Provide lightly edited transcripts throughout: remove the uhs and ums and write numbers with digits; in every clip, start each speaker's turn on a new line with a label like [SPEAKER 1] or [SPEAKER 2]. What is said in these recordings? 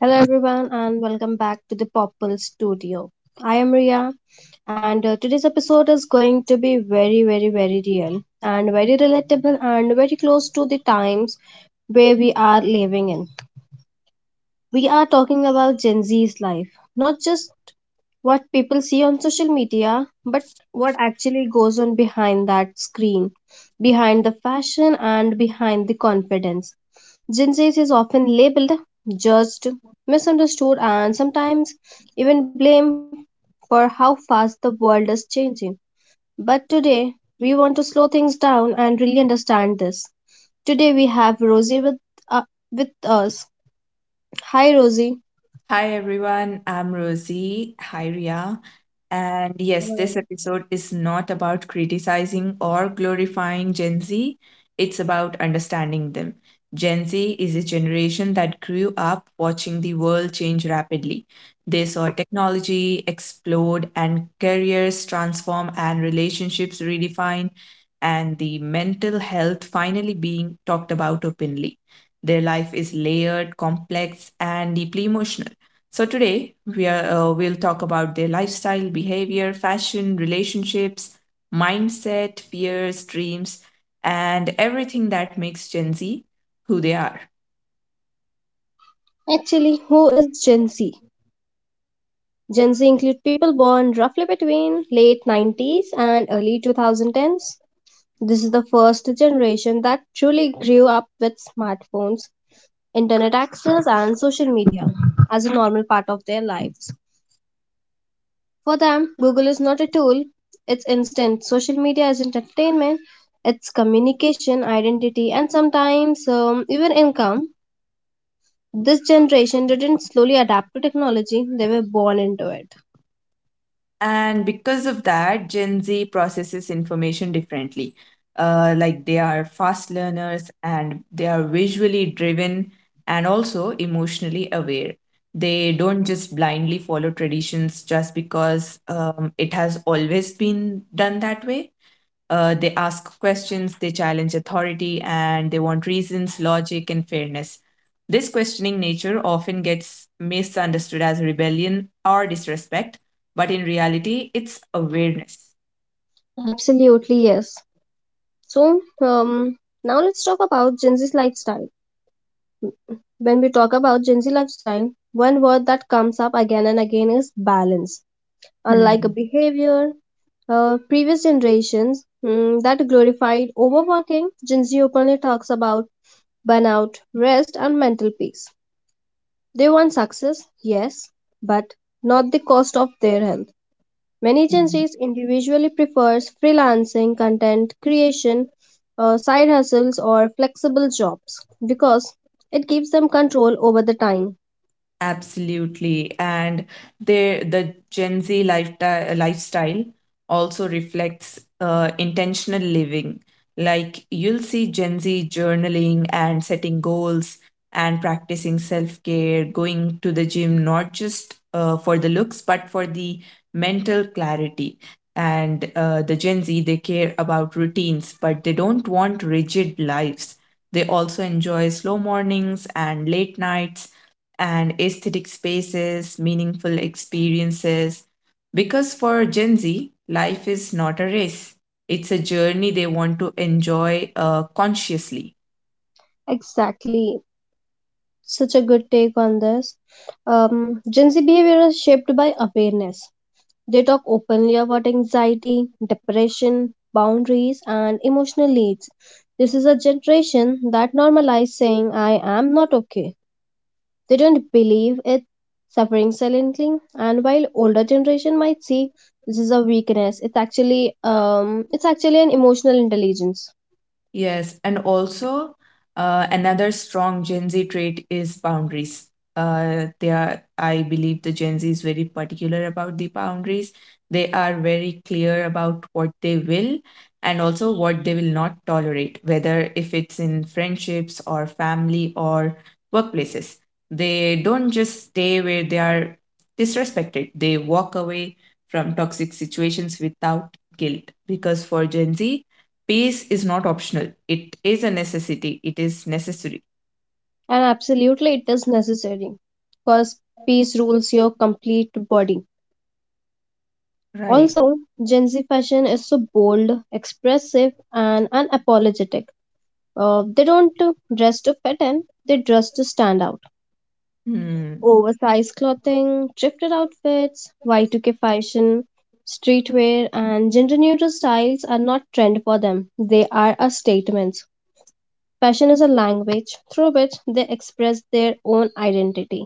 [SPEAKER 1] Hello, everyone, and welcome back to the Popple Studio. I am Ria, and today's episode is going to be very, very, very real and very relatable and very close to the times where we are living in. We are talking about Gen Z's life, not just what people see on social media, but what actually goes on behind that screen, behind the fashion, and behind the confidence. Gen Z is often labeled, judged, misunderstood, and sometimes even blamed for how fast the world is changing. But today, we want to slow things down and really understand this. Today, we have Rosie uh, with us. Hi, Rosie.
[SPEAKER 2] Hi everyone, I'm Rosie. Hi Ria. And yes, this
[SPEAKER 1] Hello.
[SPEAKER 2] episode is not about criticizing or glorifying Gen Z, it's about understanding them. Gen Z is a generation that grew up watching the world change rapidly. They saw technology explode and careers transform and relationships redefine and the mental health finally being talked about openly. Their life is layered, complex, and deeply emotional, so today we'll talk about their lifestyle, behavior, fashion, relationships, mindset, fears, dreams, and everything that makes Gen Z who they are.
[SPEAKER 1] Actually, who is Gen Z? Gen Z include people born roughly between late 90s and early 2010s. This is the first generation that truly grew up with smartphones, internet access, and social media as a normal part of their lives. For them, Google is not a tool, it's instant. Social media is entertainment, it's communication, identity, and sometimes even income. This generation didn't slowly adapt to technology, they were born into it.
[SPEAKER 2] And because of that, Gen Z processes information differently. Like they are fast learners and they are visually driven and also emotionally aware. They don't just blindly follow traditions just because it has always been done that way. They ask questions, they challenge authority, and they want reasons, logic, and fairness. This questioning nature often gets misunderstood as rebellion or disrespect, but in reality, it's awareness.
[SPEAKER 1] Absolutely, yes. So, now let's talk about Gen Z's lifestyle. When we talk about Gen Z lifestyle, one word that comes up again and again is balance. Unlike a
[SPEAKER 2] Hmm.
[SPEAKER 1] behavior, previous generations that glorified overworking, Gen Z openly talks about burnout, rest, and mental peace. They want success, yes, but not the cost of their health. Many Gen Zs individually prefers freelancing, content creation, side hustles, or flexible jobs because it gives them control over the time.
[SPEAKER 2] Absolutely. And the Gen Z lifestyle also reflects intentional living. Like you'll see Gen Z journaling and setting goals and practicing self-care, going to the gym not just for the looks but for the mental clarity. And the Gen Z, they care about routines, but they don't want rigid lives. They also enjoy slow mornings and late nights and aesthetic spaces, meaningful experiences. Because for Gen Z, life is not a race, it's a journey they want to enjoy consciously.
[SPEAKER 1] Exactly. Such a good take on this. Gen Z behavior is shaped by awareness. They talk openly about anxiety, depression, boundaries, and emotional needs. This is a generation that normalizes saying, I am not okay. They don't believe it, suffering silently. And while older generation might see this is a weakness, it's actually it's actually an emotional intelligence.
[SPEAKER 2] Yes, and also another strong Gen Z trait is boundaries. They are, I believe, the Gen Z is very particular about the boundaries. They are very clear about what they will and also what they will not tolerate, whether if it's in friendships or family or workplaces. They don't just stay where they are disrespected. They walk away from toxic situations without guilt because for Gen Z, peace is not optional, it is a necessity, it is necessary.
[SPEAKER 1] And absolutely it is necessary because peace rules your complete body.
[SPEAKER 2] Right.
[SPEAKER 1] Also, Gen Z fashion is so bold, expressive, and unapologetic. They don't dress to fit in, they dress to stand out.
[SPEAKER 2] Hmm.
[SPEAKER 1] Oversized clothing, thrifted outfits, Y2K fashion, streetwear, and gender neutral styles are not trend for them. They are a statement. Fashion is a language through which they express their own identity.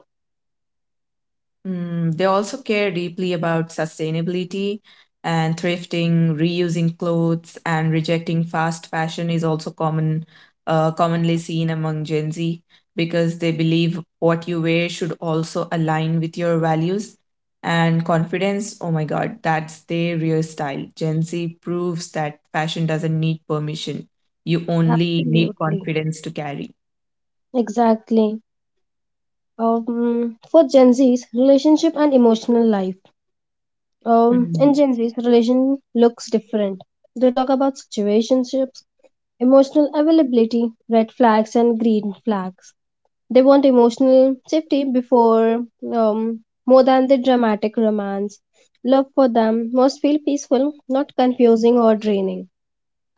[SPEAKER 2] Mm, they also care deeply about sustainability and thrifting, reusing clothes, and rejecting fast fashion is also commonly seen among Gen Z because they believe what you wear should also align with your values and confidence. Oh my God, that's their real style. Gen Z proves that fashion doesn't need permission. You only need
[SPEAKER 1] Absolutely.
[SPEAKER 2] confidence to carry.
[SPEAKER 1] Exactly. For Gen Z's relationship and emotional life.
[SPEAKER 2] Mm.
[SPEAKER 1] In Gen Z's relation looks different. They talk about situationships, emotional availability, red flags and green flags. They want emotional safety before, um, more than the dramatic romance. Love for them must feel peaceful, not confusing or draining.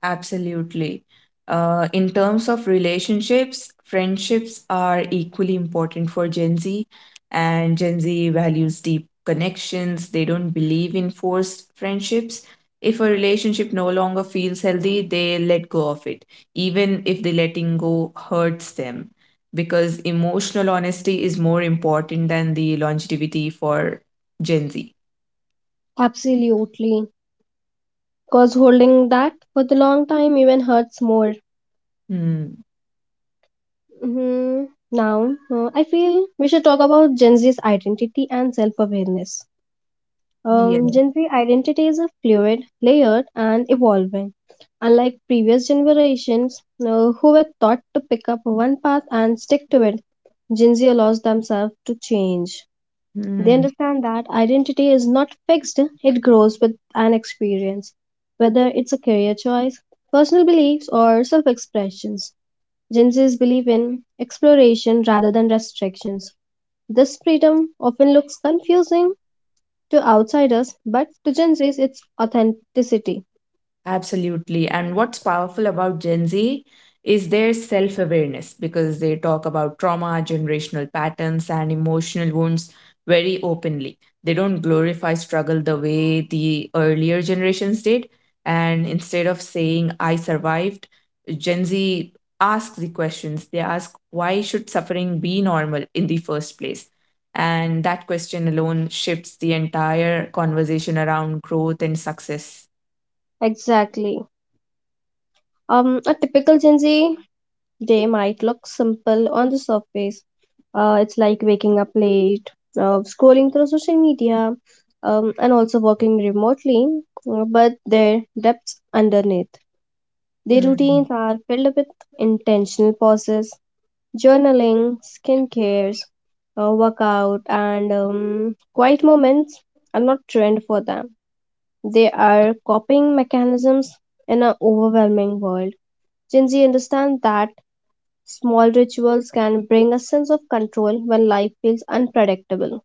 [SPEAKER 2] Absolutely. In terms of relationships, friendships are equally important for Gen Z, and Gen Z values deep connections. They don't believe in forced friendships. If a relationship no longer feels healthy, they let go of it, even if the letting go hurts them, because emotional honesty is more important than the longevity for Gen Z.
[SPEAKER 1] Absolutely. Because holding that for the long time even hurts more.
[SPEAKER 2] Hmm.
[SPEAKER 1] hmm Now, I feel we should talk about Gen Z's identity and self awareness.
[SPEAKER 2] Yeah.
[SPEAKER 1] Gen Z identities are fluid, layered, and evolving. Unlike previous generations who were taught to pick up one path and stick to it, Gen Z allows themselves to change. They
[SPEAKER 2] Hmm.
[SPEAKER 1] understand that identity is not fixed, it grows with an experience, whether it's a career choice, personal beliefs, or self expressions. Gen Z's believe in exploration rather than restrictions. This freedom often looks confusing to outsiders, but to Gen Z's, it's authenticity.
[SPEAKER 2] Absolutely. And what's powerful about Gen Z is their self awareness because they talk about trauma, generational patterns, and emotional wounds very openly. They don't glorify struggle the way the earlier generations did. And instead of saying, I survived, Gen Z asks the questions. They ask, why should suffering be normal in the first place? And that question alone shifts the entire conversation around growth and success.
[SPEAKER 1] Exactly. A typical Gen Z day might look simple on the surface. It's like waking up late, scrolling through social media, and also working remotely, but their depths underneath. Their
[SPEAKER 2] Hmm.
[SPEAKER 1] routines are filled with intentional pauses, journaling, skincares, workout, and quiet moments are not trend for them. They are coping mechanisms in an overwhelming world. Gen Z understand that small rituals can bring a sense of control when life feels unpredictable.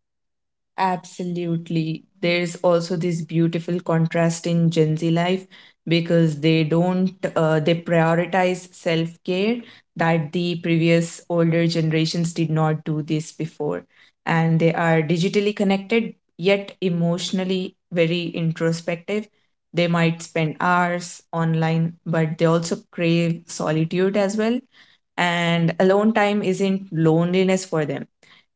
[SPEAKER 2] Absolutely. There's also this beautiful contrast in Gen Z life because they don't, they prioritize self care that the previous older generations did not do this before. And they are digitally connected, yet emotionally very introspective. They might spend hours online, but they also crave solitude as well. And alone time isn't loneliness for them,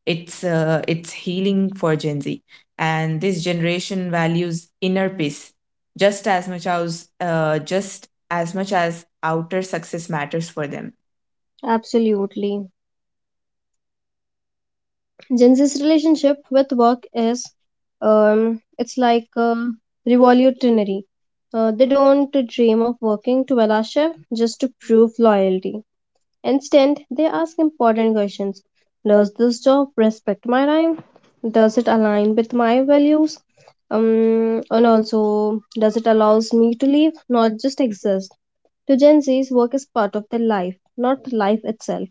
[SPEAKER 2] it's healing for Gen Z, and this generation values inner peace just as much as just as much as outer success matters for them.
[SPEAKER 1] Absolutely. Gen Z's relationship with work is, it's like revolutionary. They don't dream of working 12-hour shift just to prove loyalty. Instead, they ask important questions. Does this job respect my time? Does it align with my values? And also, does it allows me to live, not just exist? To Gen Z's, work is part of their life, not life itself.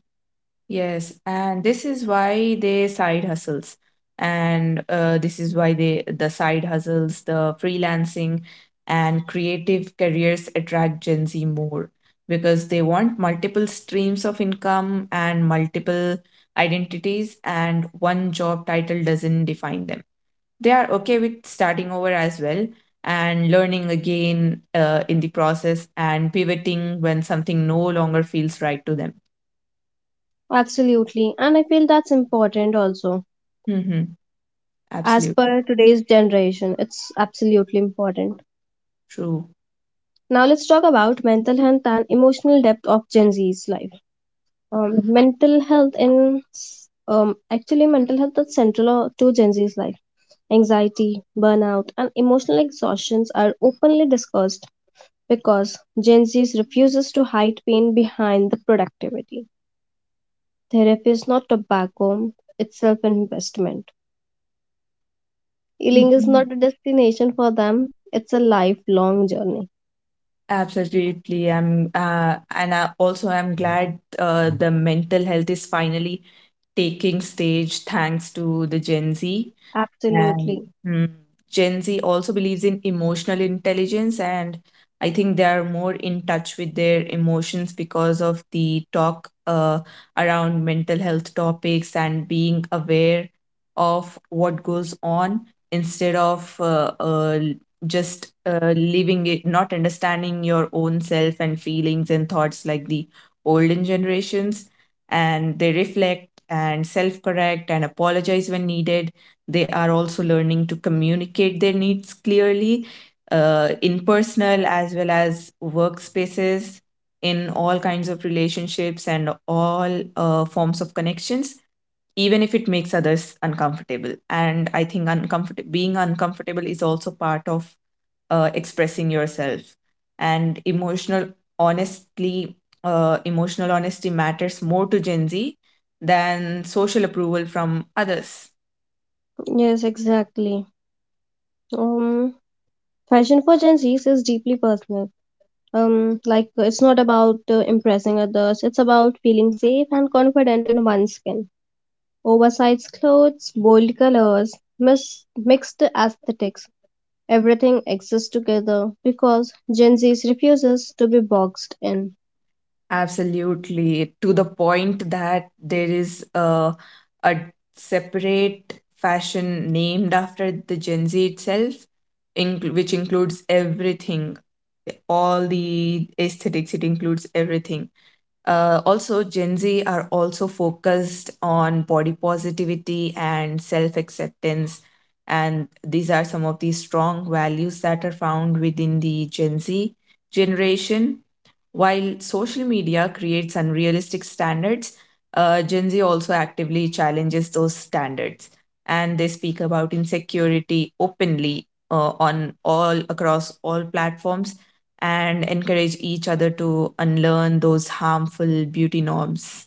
[SPEAKER 2] Yes, and this is why they side hustles, and this is why they the side hustles, the freelancing, and creative careers attract Gen Z more because they want multiple streams of income and multiple identities, and one job title doesn't define them. They are okay with starting over as well and learning again in the process and pivoting when something no longer feels right to them.
[SPEAKER 1] Absolutely, and I feel that's important also.
[SPEAKER 2] Hmm.
[SPEAKER 1] As
[SPEAKER 2] Absolutely.
[SPEAKER 1] per today's generation, it's absolutely important.
[SPEAKER 2] True.
[SPEAKER 1] Now let's talk about mental health and emotional depth of Gen Z's life. Mental health in s- Actually, mental health is central to Gen Z's life. Anxiety, burnout, and emotional exhaustions are openly discussed because Gen Z refuses to hide pain behind the productivity. Therapy is not tobacco, it's self-investment. Healing is
[SPEAKER 2] Mhm.
[SPEAKER 1] not a destination for them, it's a lifelong journey.
[SPEAKER 2] Absolutely. I'm and I also I'm glad the mental health is finally taking stage thanks to the Gen Z. And
[SPEAKER 1] Absolutely.
[SPEAKER 2] mm, Gen Z also believes in emotional intelligence, and I think they are more in touch with their emotions because of the talk around mental health topics and being aware of what goes on instead of just leaving it, not understanding your own self and feelings and thoughts like the olden generations. And they reflect and self correct and apologize when needed. They are also learning to communicate their needs clearly in personal as well as workspaces, in all kinds of relationships and all forms of connections, even if it makes others uncomfortable. And I think uncomfortable being uncomfortable is also part of expressing yourself. And honestly, emotional honesty matters more to Gen Z than social approval from others.
[SPEAKER 1] Yes, exactly. um Fashion for Gen Z is deeply personal. Like it's not about impressing others, it's about feeling safe and confident in one's skin. Oversized clothes, bold colors, mixed aesthetics, everything exists together because Gen Z refuses to be boxed in.
[SPEAKER 2] Absolutely, to the point that there is a separate fashion named after the Gen Z itself, which includes everything, all the aesthetics, it includes everything. Also, Gen Z are also focused on body positivity and self acceptance. And these are some of the strong values that are found within the Gen Z generation. While social media creates unrealistic standards, Gen Z also actively challenges those standards. And they speak about insecurity openly on all across all platforms and encourage each other to unlearn those harmful beauty norms.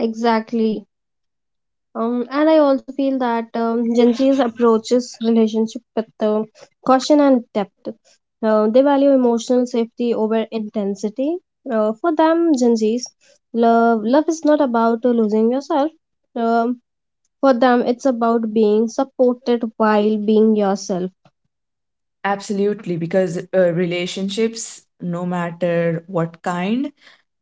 [SPEAKER 1] Exactly. And I also feel that Gen Z's approaches relationship with caution and depth. They value emotional safety over intensity. For them, Gen Z's, love is not about losing yourself. Um, for them, it's about being supported while being yourself.
[SPEAKER 2] Absolutely, because relationships, no matter what kind,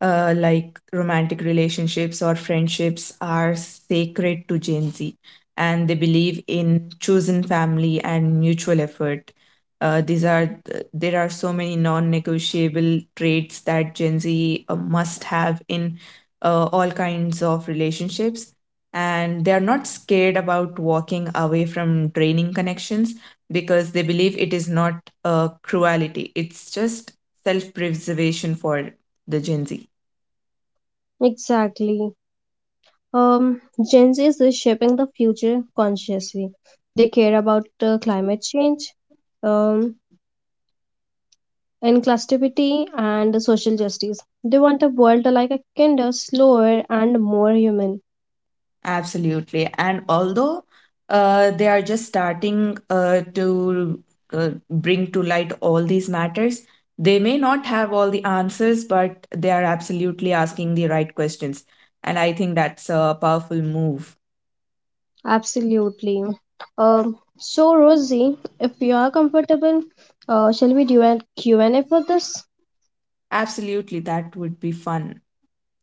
[SPEAKER 2] like romantic relationships or friendships are sacred to Gen Z, and they believe in chosen family and mutual effort. There are so many non-negotiable traits that Gen Z must have in all kinds of relationships, and they are not scared about walking away from draining connections because they believe it is not cruelty; it's just self-preservation for the Gen Z.
[SPEAKER 1] Exactly. Um, Gen Z's is shaping the future consciously. They care about climate change, um, inclusivity, and social justice. They want a world like a kinder, slower, and more human.
[SPEAKER 2] Absolutely. And although they are just starting to bring to light all these matters, they may not have all the answers, but they are absolutely asking the right questions. And I think that's a powerful move.
[SPEAKER 1] Absolutely. So, Rosie, if you are comfortable, shall we do a Q&A for this?
[SPEAKER 2] Absolutely, that would be fun.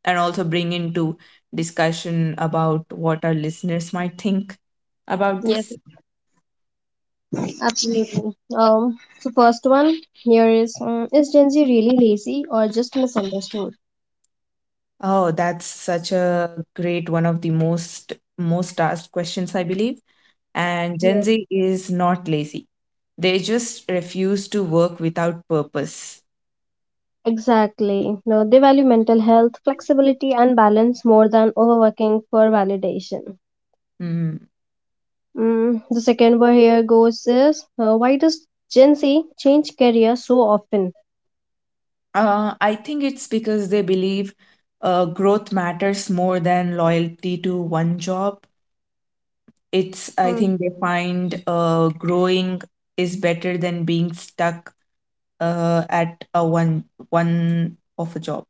[SPEAKER 2] And also bring into discussion about what our listeners might think about
[SPEAKER 1] Yes,
[SPEAKER 2] this.
[SPEAKER 1] absolutely. So first one here is Gen Z really lazy or just misunderstood?
[SPEAKER 2] Oh, that's such a great one of the most asked questions, I believe. And
[SPEAKER 1] Yeah.
[SPEAKER 2] Gen Z is not lazy. They just refuse to work without purpose.
[SPEAKER 1] Exactly. No, they value mental health, flexibility, and balance more than overworking for validation.
[SPEAKER 2] Mm.
[SPEAKER 1] The second one here goes is, why does Gen Z change career so often?
[SPEAKER 2] I think it's because they believe growth matters more than loyalty to one job. It's, I
[SPEAKER 1] Mm,
[SPEAKER 2] think they find growing is better than being stuck at a one one of a job.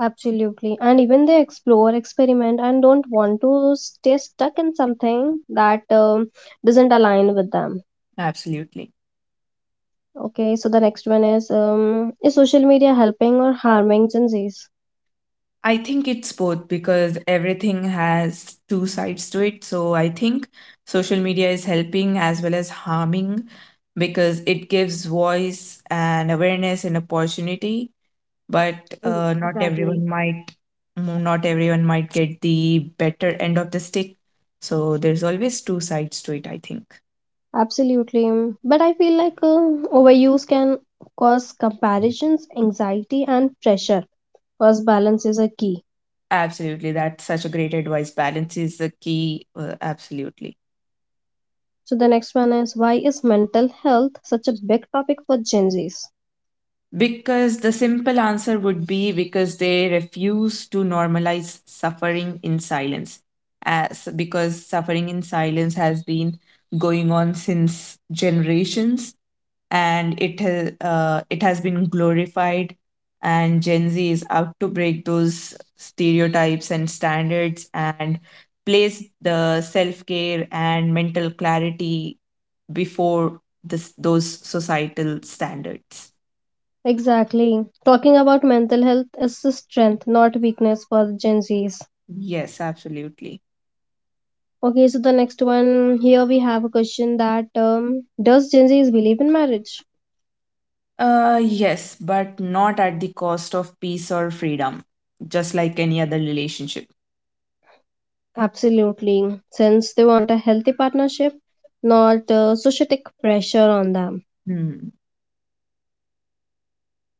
[SPEAKER 1] absolutely. And even they explore, experiment, and don't want to stay stuck in something that, doesn't align with them.
[SPEAKER 2] Absolutely.
[SPEAKER 1] Okay, so the next one is, is social media helping or harming Gen Zs?
[SPEAKER 2] I think it's both because everything has two sides to it. So I think social media is helping as well as harming because it gives voice and awareness and opportunity, but uh, not
[SPEAKER 1] Exactly.
[SPEAKER 2] everyone might not everyone might get the better end of the stick. So there's always two sides to it, I think.
[SPEAKER 1] Absolutely. Mm. But I feel like overuse can cause comparisons, anxiety, and pressure. Because balance is a key.
[SPEAKER 2] Absolutely. That's such a great advice. Balance is the key. Absolutely.
[SPEAKER 1] So the next one is why is mental health such a big topic for Gen Zs?
[SPEAKER 2] Because the simple answer would be because they refuse to normalize suffering in silence, as because suffering in silence has been going on since generations, and it has been glorified, and Gen Z is out to break those stereotypes and standards and place the self care and mental clarity before this those societal standards.
[SPEAKER 1] Exactly. Talking about mental health is a strength, not weakness for Gen Zs.
[SPEAKER 2] Yes, absolutely.
[SPEAKER 1] Okay, so the next one here we have a question that, does Gen Zs believe in marriage?
[SPEAKER 2] Yes, but not at the cost of peace or freedom, just like any other relationship.
[SPEAKER 1] Absolutely, since they want a healthy partnership, not societic pressure on them.
[SPEAKER 2] Hmm.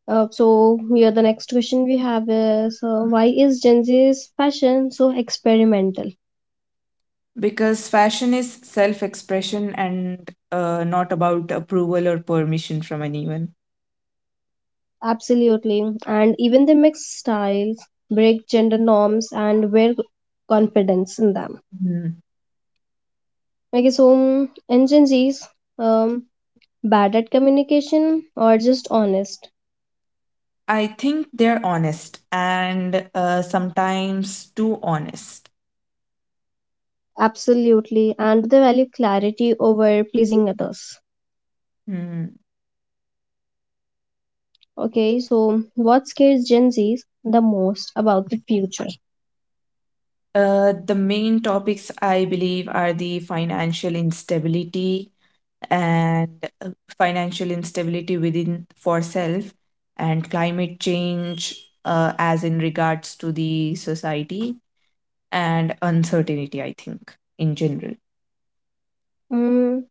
[SPEAKER 1] So here the next question we have is, why is Gen Z's fashion so experimental?
[SPEAKER 2] Because fashion is self expression and not about approval or permission from anyone.
[SPEAKER 1] Absolutely. And even they mix styles, break gender norms, and wear confidence in them.
[SPEAKER 2] Hmm.
[SPEAKER 1] Okay, so and Gen Zs, um, bad at communication or just honest?
[SPEAKER 2] I think they're honest and sometimes too honest.
[SPEAKER 1] Absolutely. And they value clarity over pleasing others.
[SPEAKER 2] Hmm.
[SPEAKER 1] Okay, so what scares Gen Zs the most about the future?
[SPEAKER 2] The main topics I believe are the financial instability and financial instability within for self and climate change as in regards to the society and uncertainty, I think in general.
[SPEAKER 1] Mm,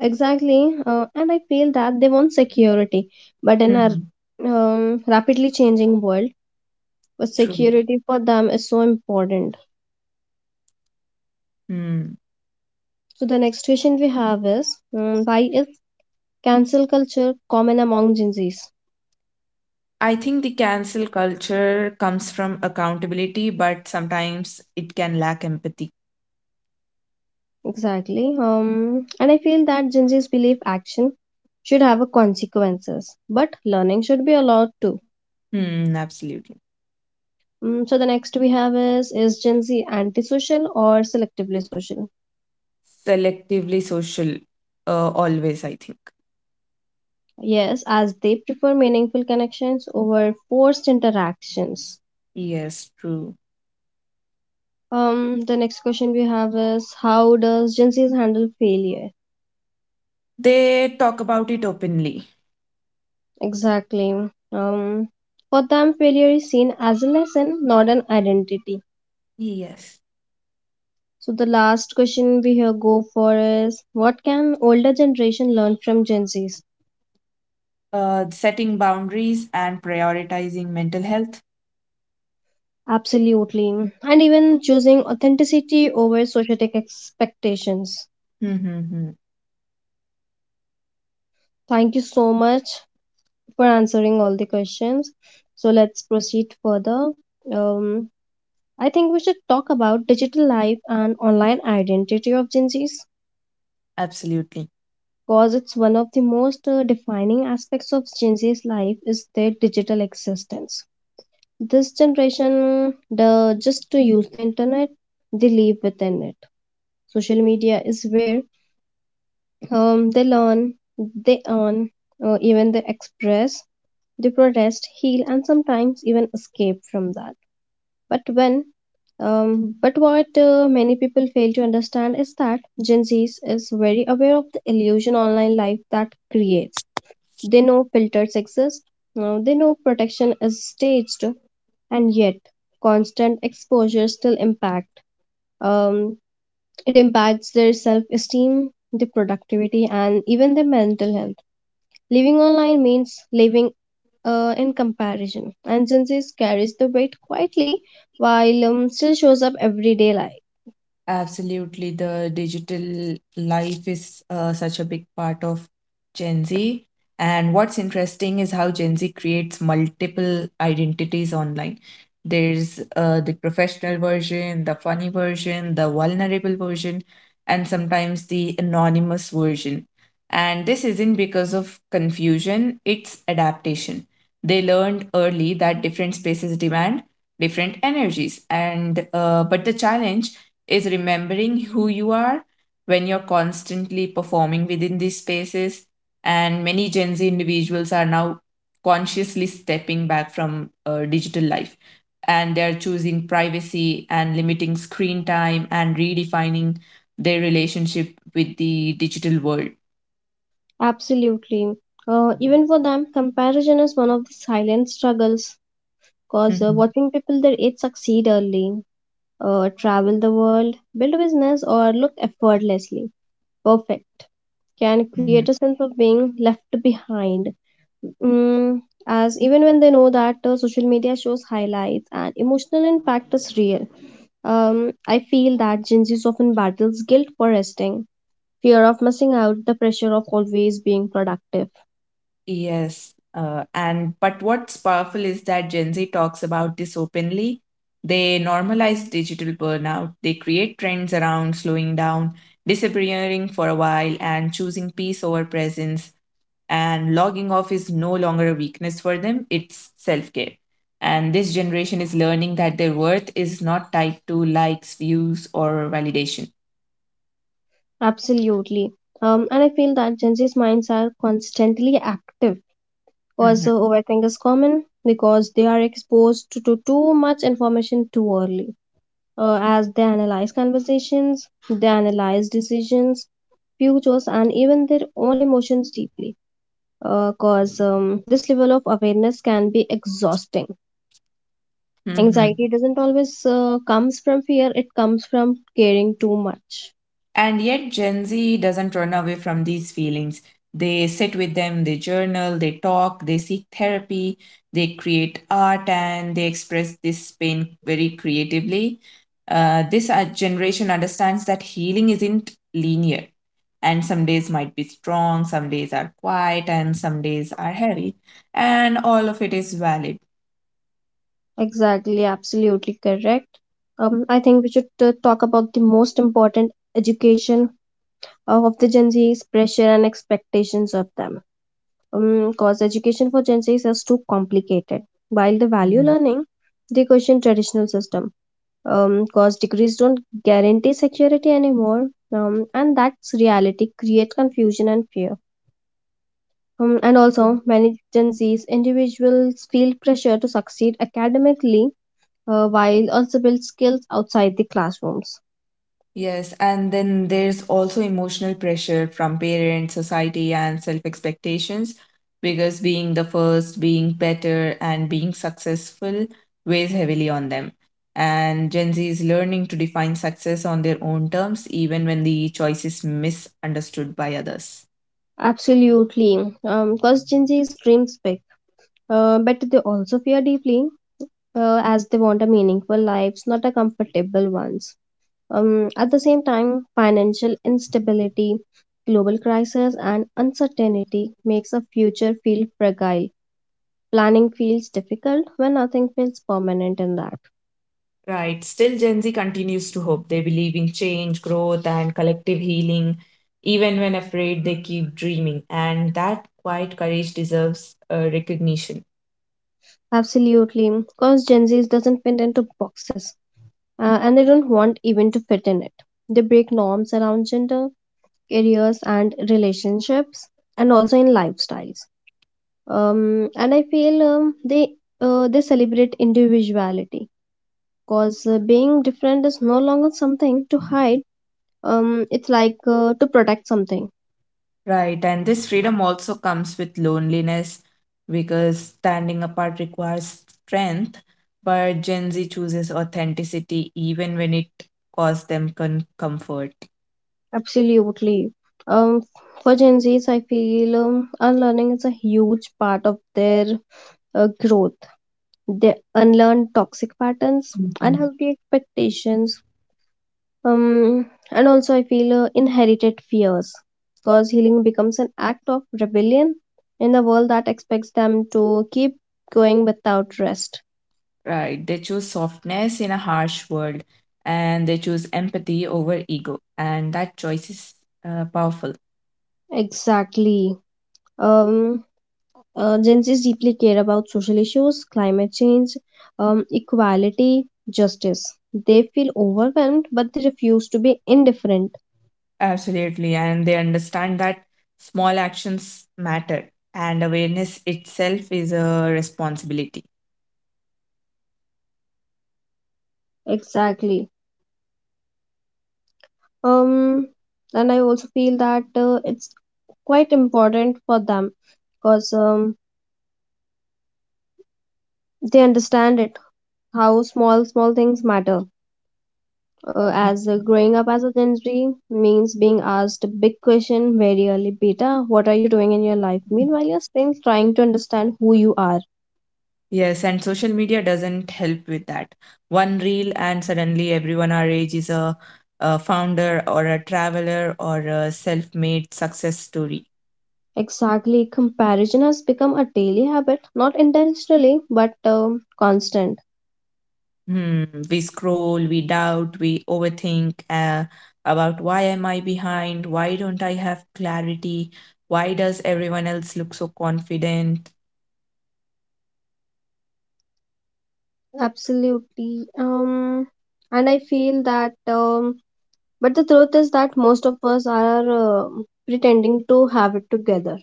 [SPEAKER 1] exactly. And I feel that they want security, but in a,
[SPEAKER 2] Hmm.
[SPEAKER 1] rapidly changing world, but
[SPEAKER 2] True.
[SPEAKER 1] security for them is so important.
[SPEAKER 2] Hmm.
[SPEAKER 1] So the next question we have is, why is cancel culture common among Gen Zs?
[SPEAKER 2] I think the cancel culture comes from accountability but sometimes it can lack empathy.
[SPEAKER 1] Exactly. And I feel that Gen Zs believe action should have a consequences, but learning should be allowed too.
[SPEAKER 2] Hmm, absolutely.
[SPEAKER 1] So the next we have is Gen Z antisocial or selectively social?
[SPEAKER 2] Selectively social, always I think.
[SPEAKER 1] Yes, as they prefer meaningful connections over forced interactions.
[SPEAKER 2] Yes, true.
[SPEAKER 1] The next question we have is how does Gen Z handle failure?
[SPEAKER 2] They talk about it openly.
[SPEAKER 1] Exactly. Um, for them, failure is seen as a lesson, not an identity.
[SPEAKER 2] Yes.
[SPEAKER 1] So the last question we here go for is, what can older generation learn from Gen Zs?
[SPEAKER 2] Setting boundaries and prioritizing mental health.
[SPEAKER 1] Absolutely, and even choosing authenticity over societic expectations.
[SPEAKER 2] Mm-hmm.
[SPEAKER 1] Thank you so much for answering all the questions. So let's proceed further. Um, I think we should talk about digital life and online identity of Gen Zs.
[SPEAKER 2] Absolutely.
[SPEAKER 1] Cause it's one of the most defining aspects of Gen Z's life is their digital existence. This generation, the just to use the internet, they live within it. Social media is where, they learn, they earn, even they express, they protest, heal, and sometimes even escape from that. But when but what many people fail to understand is that Gen Z is very aware of the illusion online life that creates. They know filters exist, now they know protection is staged, and yet constant exposure still impact. Um, it impacts their self-esteem, their productivity, and even their mental health. Living online means living in comparison, and Gen Z carries the weight quietly while still shows up everyday life.
[SPEAKER 2] Absolutely, the digital life is such a big part of Gen Z. And what's interesting is how Gen Z creates multiple identities online. There's the professional version, the funny version, the vulnerable version, and sometimes the anonymous version. And this isn't because of confusion, it's adaptation. They learned early that different spaces demand different energies. And but the challenge is remembering who you are when you're constantly performing within these spaces. And many Gen Z individuals are now consciously stepping back from digital life and they're choosing privacy and limiting screen time and redefining their relationship with the digital world.
[SPEAKER 1] Absolutely. Even for them, comparison is one of the silent struggles because
[SPEAKER 2] Mhm.
[SPEAKER 1] watching people their age succeed early, travel the world, build a business, or look effortlessly perfect can create a sense of being left behind. Mm, as even when they know that social media shows highlights and emotional impact is real. I feel that Gen Z's often battles guilt for resting, fear of missing out, the pressure of always being productive.
[SPEAKER 2] Yes, and but what's powerful is that Gen Z talks about this openly. They normalize digital burnout, they create trends around slowing down, disappearing for a while, and choosing peace over presence. And logging off is no longer a weakness for them, it's self care. And this generation is learning that their worth is not tied to likes, views, or validation.
[SPEAKER 1] Absolutely. And I feel that Gen Z's minds are constantly active.
[SPEAKER 2] Hmm.
[SPEAKER 1] Also, overthink is common because they are exposed to too much information too early. As they analyze conversations, they analyze decisions, futures, and even their own emotions deeply. Because this level of awareness can be exhausting.
[SPEAKER 2] Hmm.
[SPEAKER 1] Anxiety doesn't always comes from fear; it comes from caring too much.
[SPEAKER 2] And yet, Gen Z doesn't run away from these feelings. They sit with them, they journal, they talk, they seek therapy, they create art, and they express this pain very creatively. This generation understands that healing isn't linear, and some days might be strong, some days are quiet, and some days are heavy, and all of it is valid.
[SPEAKER 1] Exactly, absolutely correct. I think we should talk about the most important education of the Gen Z's pressure and expectations of them. Because education for Gen Z's is too complicated. While they value learning, they question traditional system. Because degrees don't guarantee security anymore, and that's reality create confusion and fear. And also, many Gen Z's individuals feel pressure to succeed academically while also build skills outside the classrooms.
[SPEAKER 2] Yes, and then there's also emotional pressure from parents, society, and self expectations because being the first, being better, and being successful weighs heavily on them. And Gen Z is learning to define success on their own terms, even when the choice is misunderstood by others.
[SPEAKER 1] Absolutely, because Gen Z's dreams big. But they also fear deeply, as they want a meaningful life, not a comfortable ones. At the same time, financial instability, global crisis, and uncertainty makes a future feel fragile. Planning feels difficult when nothing feels permanent in that.
[SPEAKER 2] Right. Still, Gen Z continues to hope. They believe in change, growth, and collective healing. Even when afraid, they keep dreaming. And that quiet courage deserves recognition.
[SPEAKER 1] Absolutely, because Gen Zs doesn't fit into boxes, and they don't want even to fit in it. They break norms around gender, careers, and relationships, and also in lifestyles, and I feel um, they celebrate individuality because being different is no longer something to hide. It's like to protect something.
[SPEAKER 2] Right. And this freedom also comes with loneliness because standing apart requires strength. But Gen Z chooses authenticity even when it costs them comfort.
[SPEAKER 1] Absolutely. Um, for Gen Zs, I feel unlearning is a huge part of their growth. They unlearn toxic patterns, unhealthy expectations, and also, I feel inherited fears, because healing becomes an act of rebellion in a world that expects them to keep going without rest.
[SPEAKER 2] Right. They choose softness in a harsh world and they choose empathy over ego. And that choice is powerful.
[SPEAKER 1] Exactly. Um, Gen Zs deeply care about social issues, climate change, equality, justice. They feel overwhelmed, but they refuse to be indifferent.
[SPEAKER 2] Absolutely. And they understand that small actions matter and awareness itself is a responsibility.
[SPEAKER 1] Exactly. Um, and I also feel that it's quite important for them because they understand it, how small small things matter, as growing up as a gen z means being asked a big question very early, beta, what are you doing in your life, meanwhile you're still trying to understand who you are.
[SPEAKER 2] Yes. And social media doesn't help with that. One reel, and suddenly everyone our age is a founder or a traveler or a self made success story.
[SPEAKER 1] Exactly, comparison has become a daily habit, not intentionally, but constant.
[SPEAKER 2] Hmm, we scroll, we doubt, we overthink about why am I behind? Why don't I have clarity? Why does everyone else look so confident?
[SPEAKER 1] Absolutely. And I feel that but the truth is that most of us are pretending to have it together.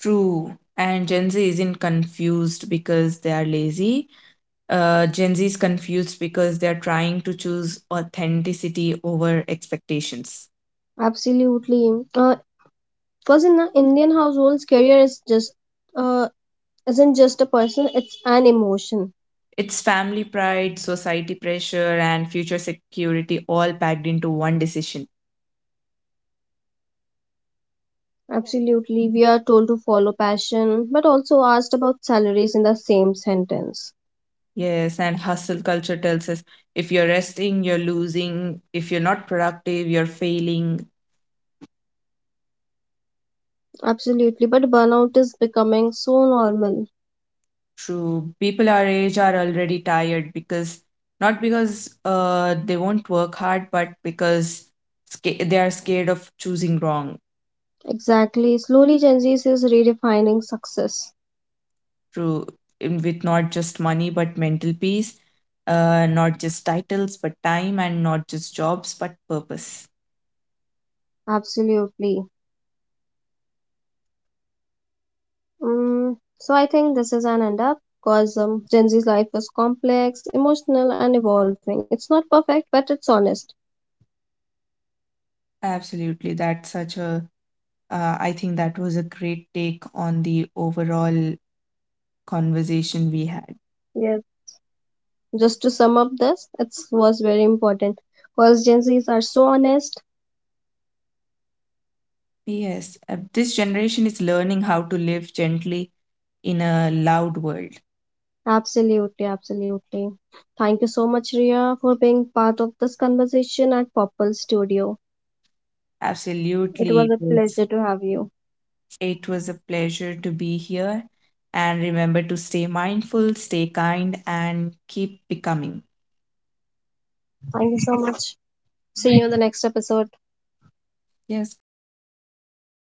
[SPEAKER 2] True. And Gen Z isn't confused because they are lazy. Gen Z is confused because they are trying to choose authenticity over expectations.
[SPEAKER 1] Absolutely. Because in the Indian households, career is just, uh, isn't just a person; it's an emotion.
[SPEAKER 2] It's family pride, society pressure, and future security all packed into one decision.
[SPEAKER 1] Absolutely, we are told to follow passion, but also asked about salaries in the same sentence.
[SPEAKER 2] Yes, and hustle culture tells us, if you're resting, you're losing. If you're not productive, you're failing.
[SPEAKER 1] Absolutely, but burnout is becoming so normal.
[SPEAKER 2] True. People our age are already tired because not because they won't work hard, but because they are scared of choosing wrong.
[SPEAKER 1] Exactly, slowly Gen Z is redefining success.
[SPEAKER 2] True. With not just money, but mental peace, not just titles, but time, and not just jobs, but purpose.
[SPEAKER 1] Absolutely. Mm, so I think this is an end up because Gen Z's life is complex, emotional, and evolving. It's not perfect, but it's honest.
[SPEAKER 2] Absolutely. I think that was a great take on the overall conversation we had.
[SPEAKER 1] Yes. Just to sum up this, it was very important because Gen Zs are so honest.
[SPEAKER 2] Yes, this generation is learning how to live gently in a loud world.
[SPEAKER 1] Absolutely, absolutely. Thank you so much, Ria, for being part of this conversation at Popple Studio. It
[SPEAKER 2] Absolutely.
[SPEAKER 1] was a pleasure to have you.
[SPEAKER 2] It was a pleasure to be here. And remember to stay mindful, stay kind, and keep becoming.
[SPEAKER 1] Thank you so much. See you in the next episode.
[SPEAKER 2] Yes, goodbye.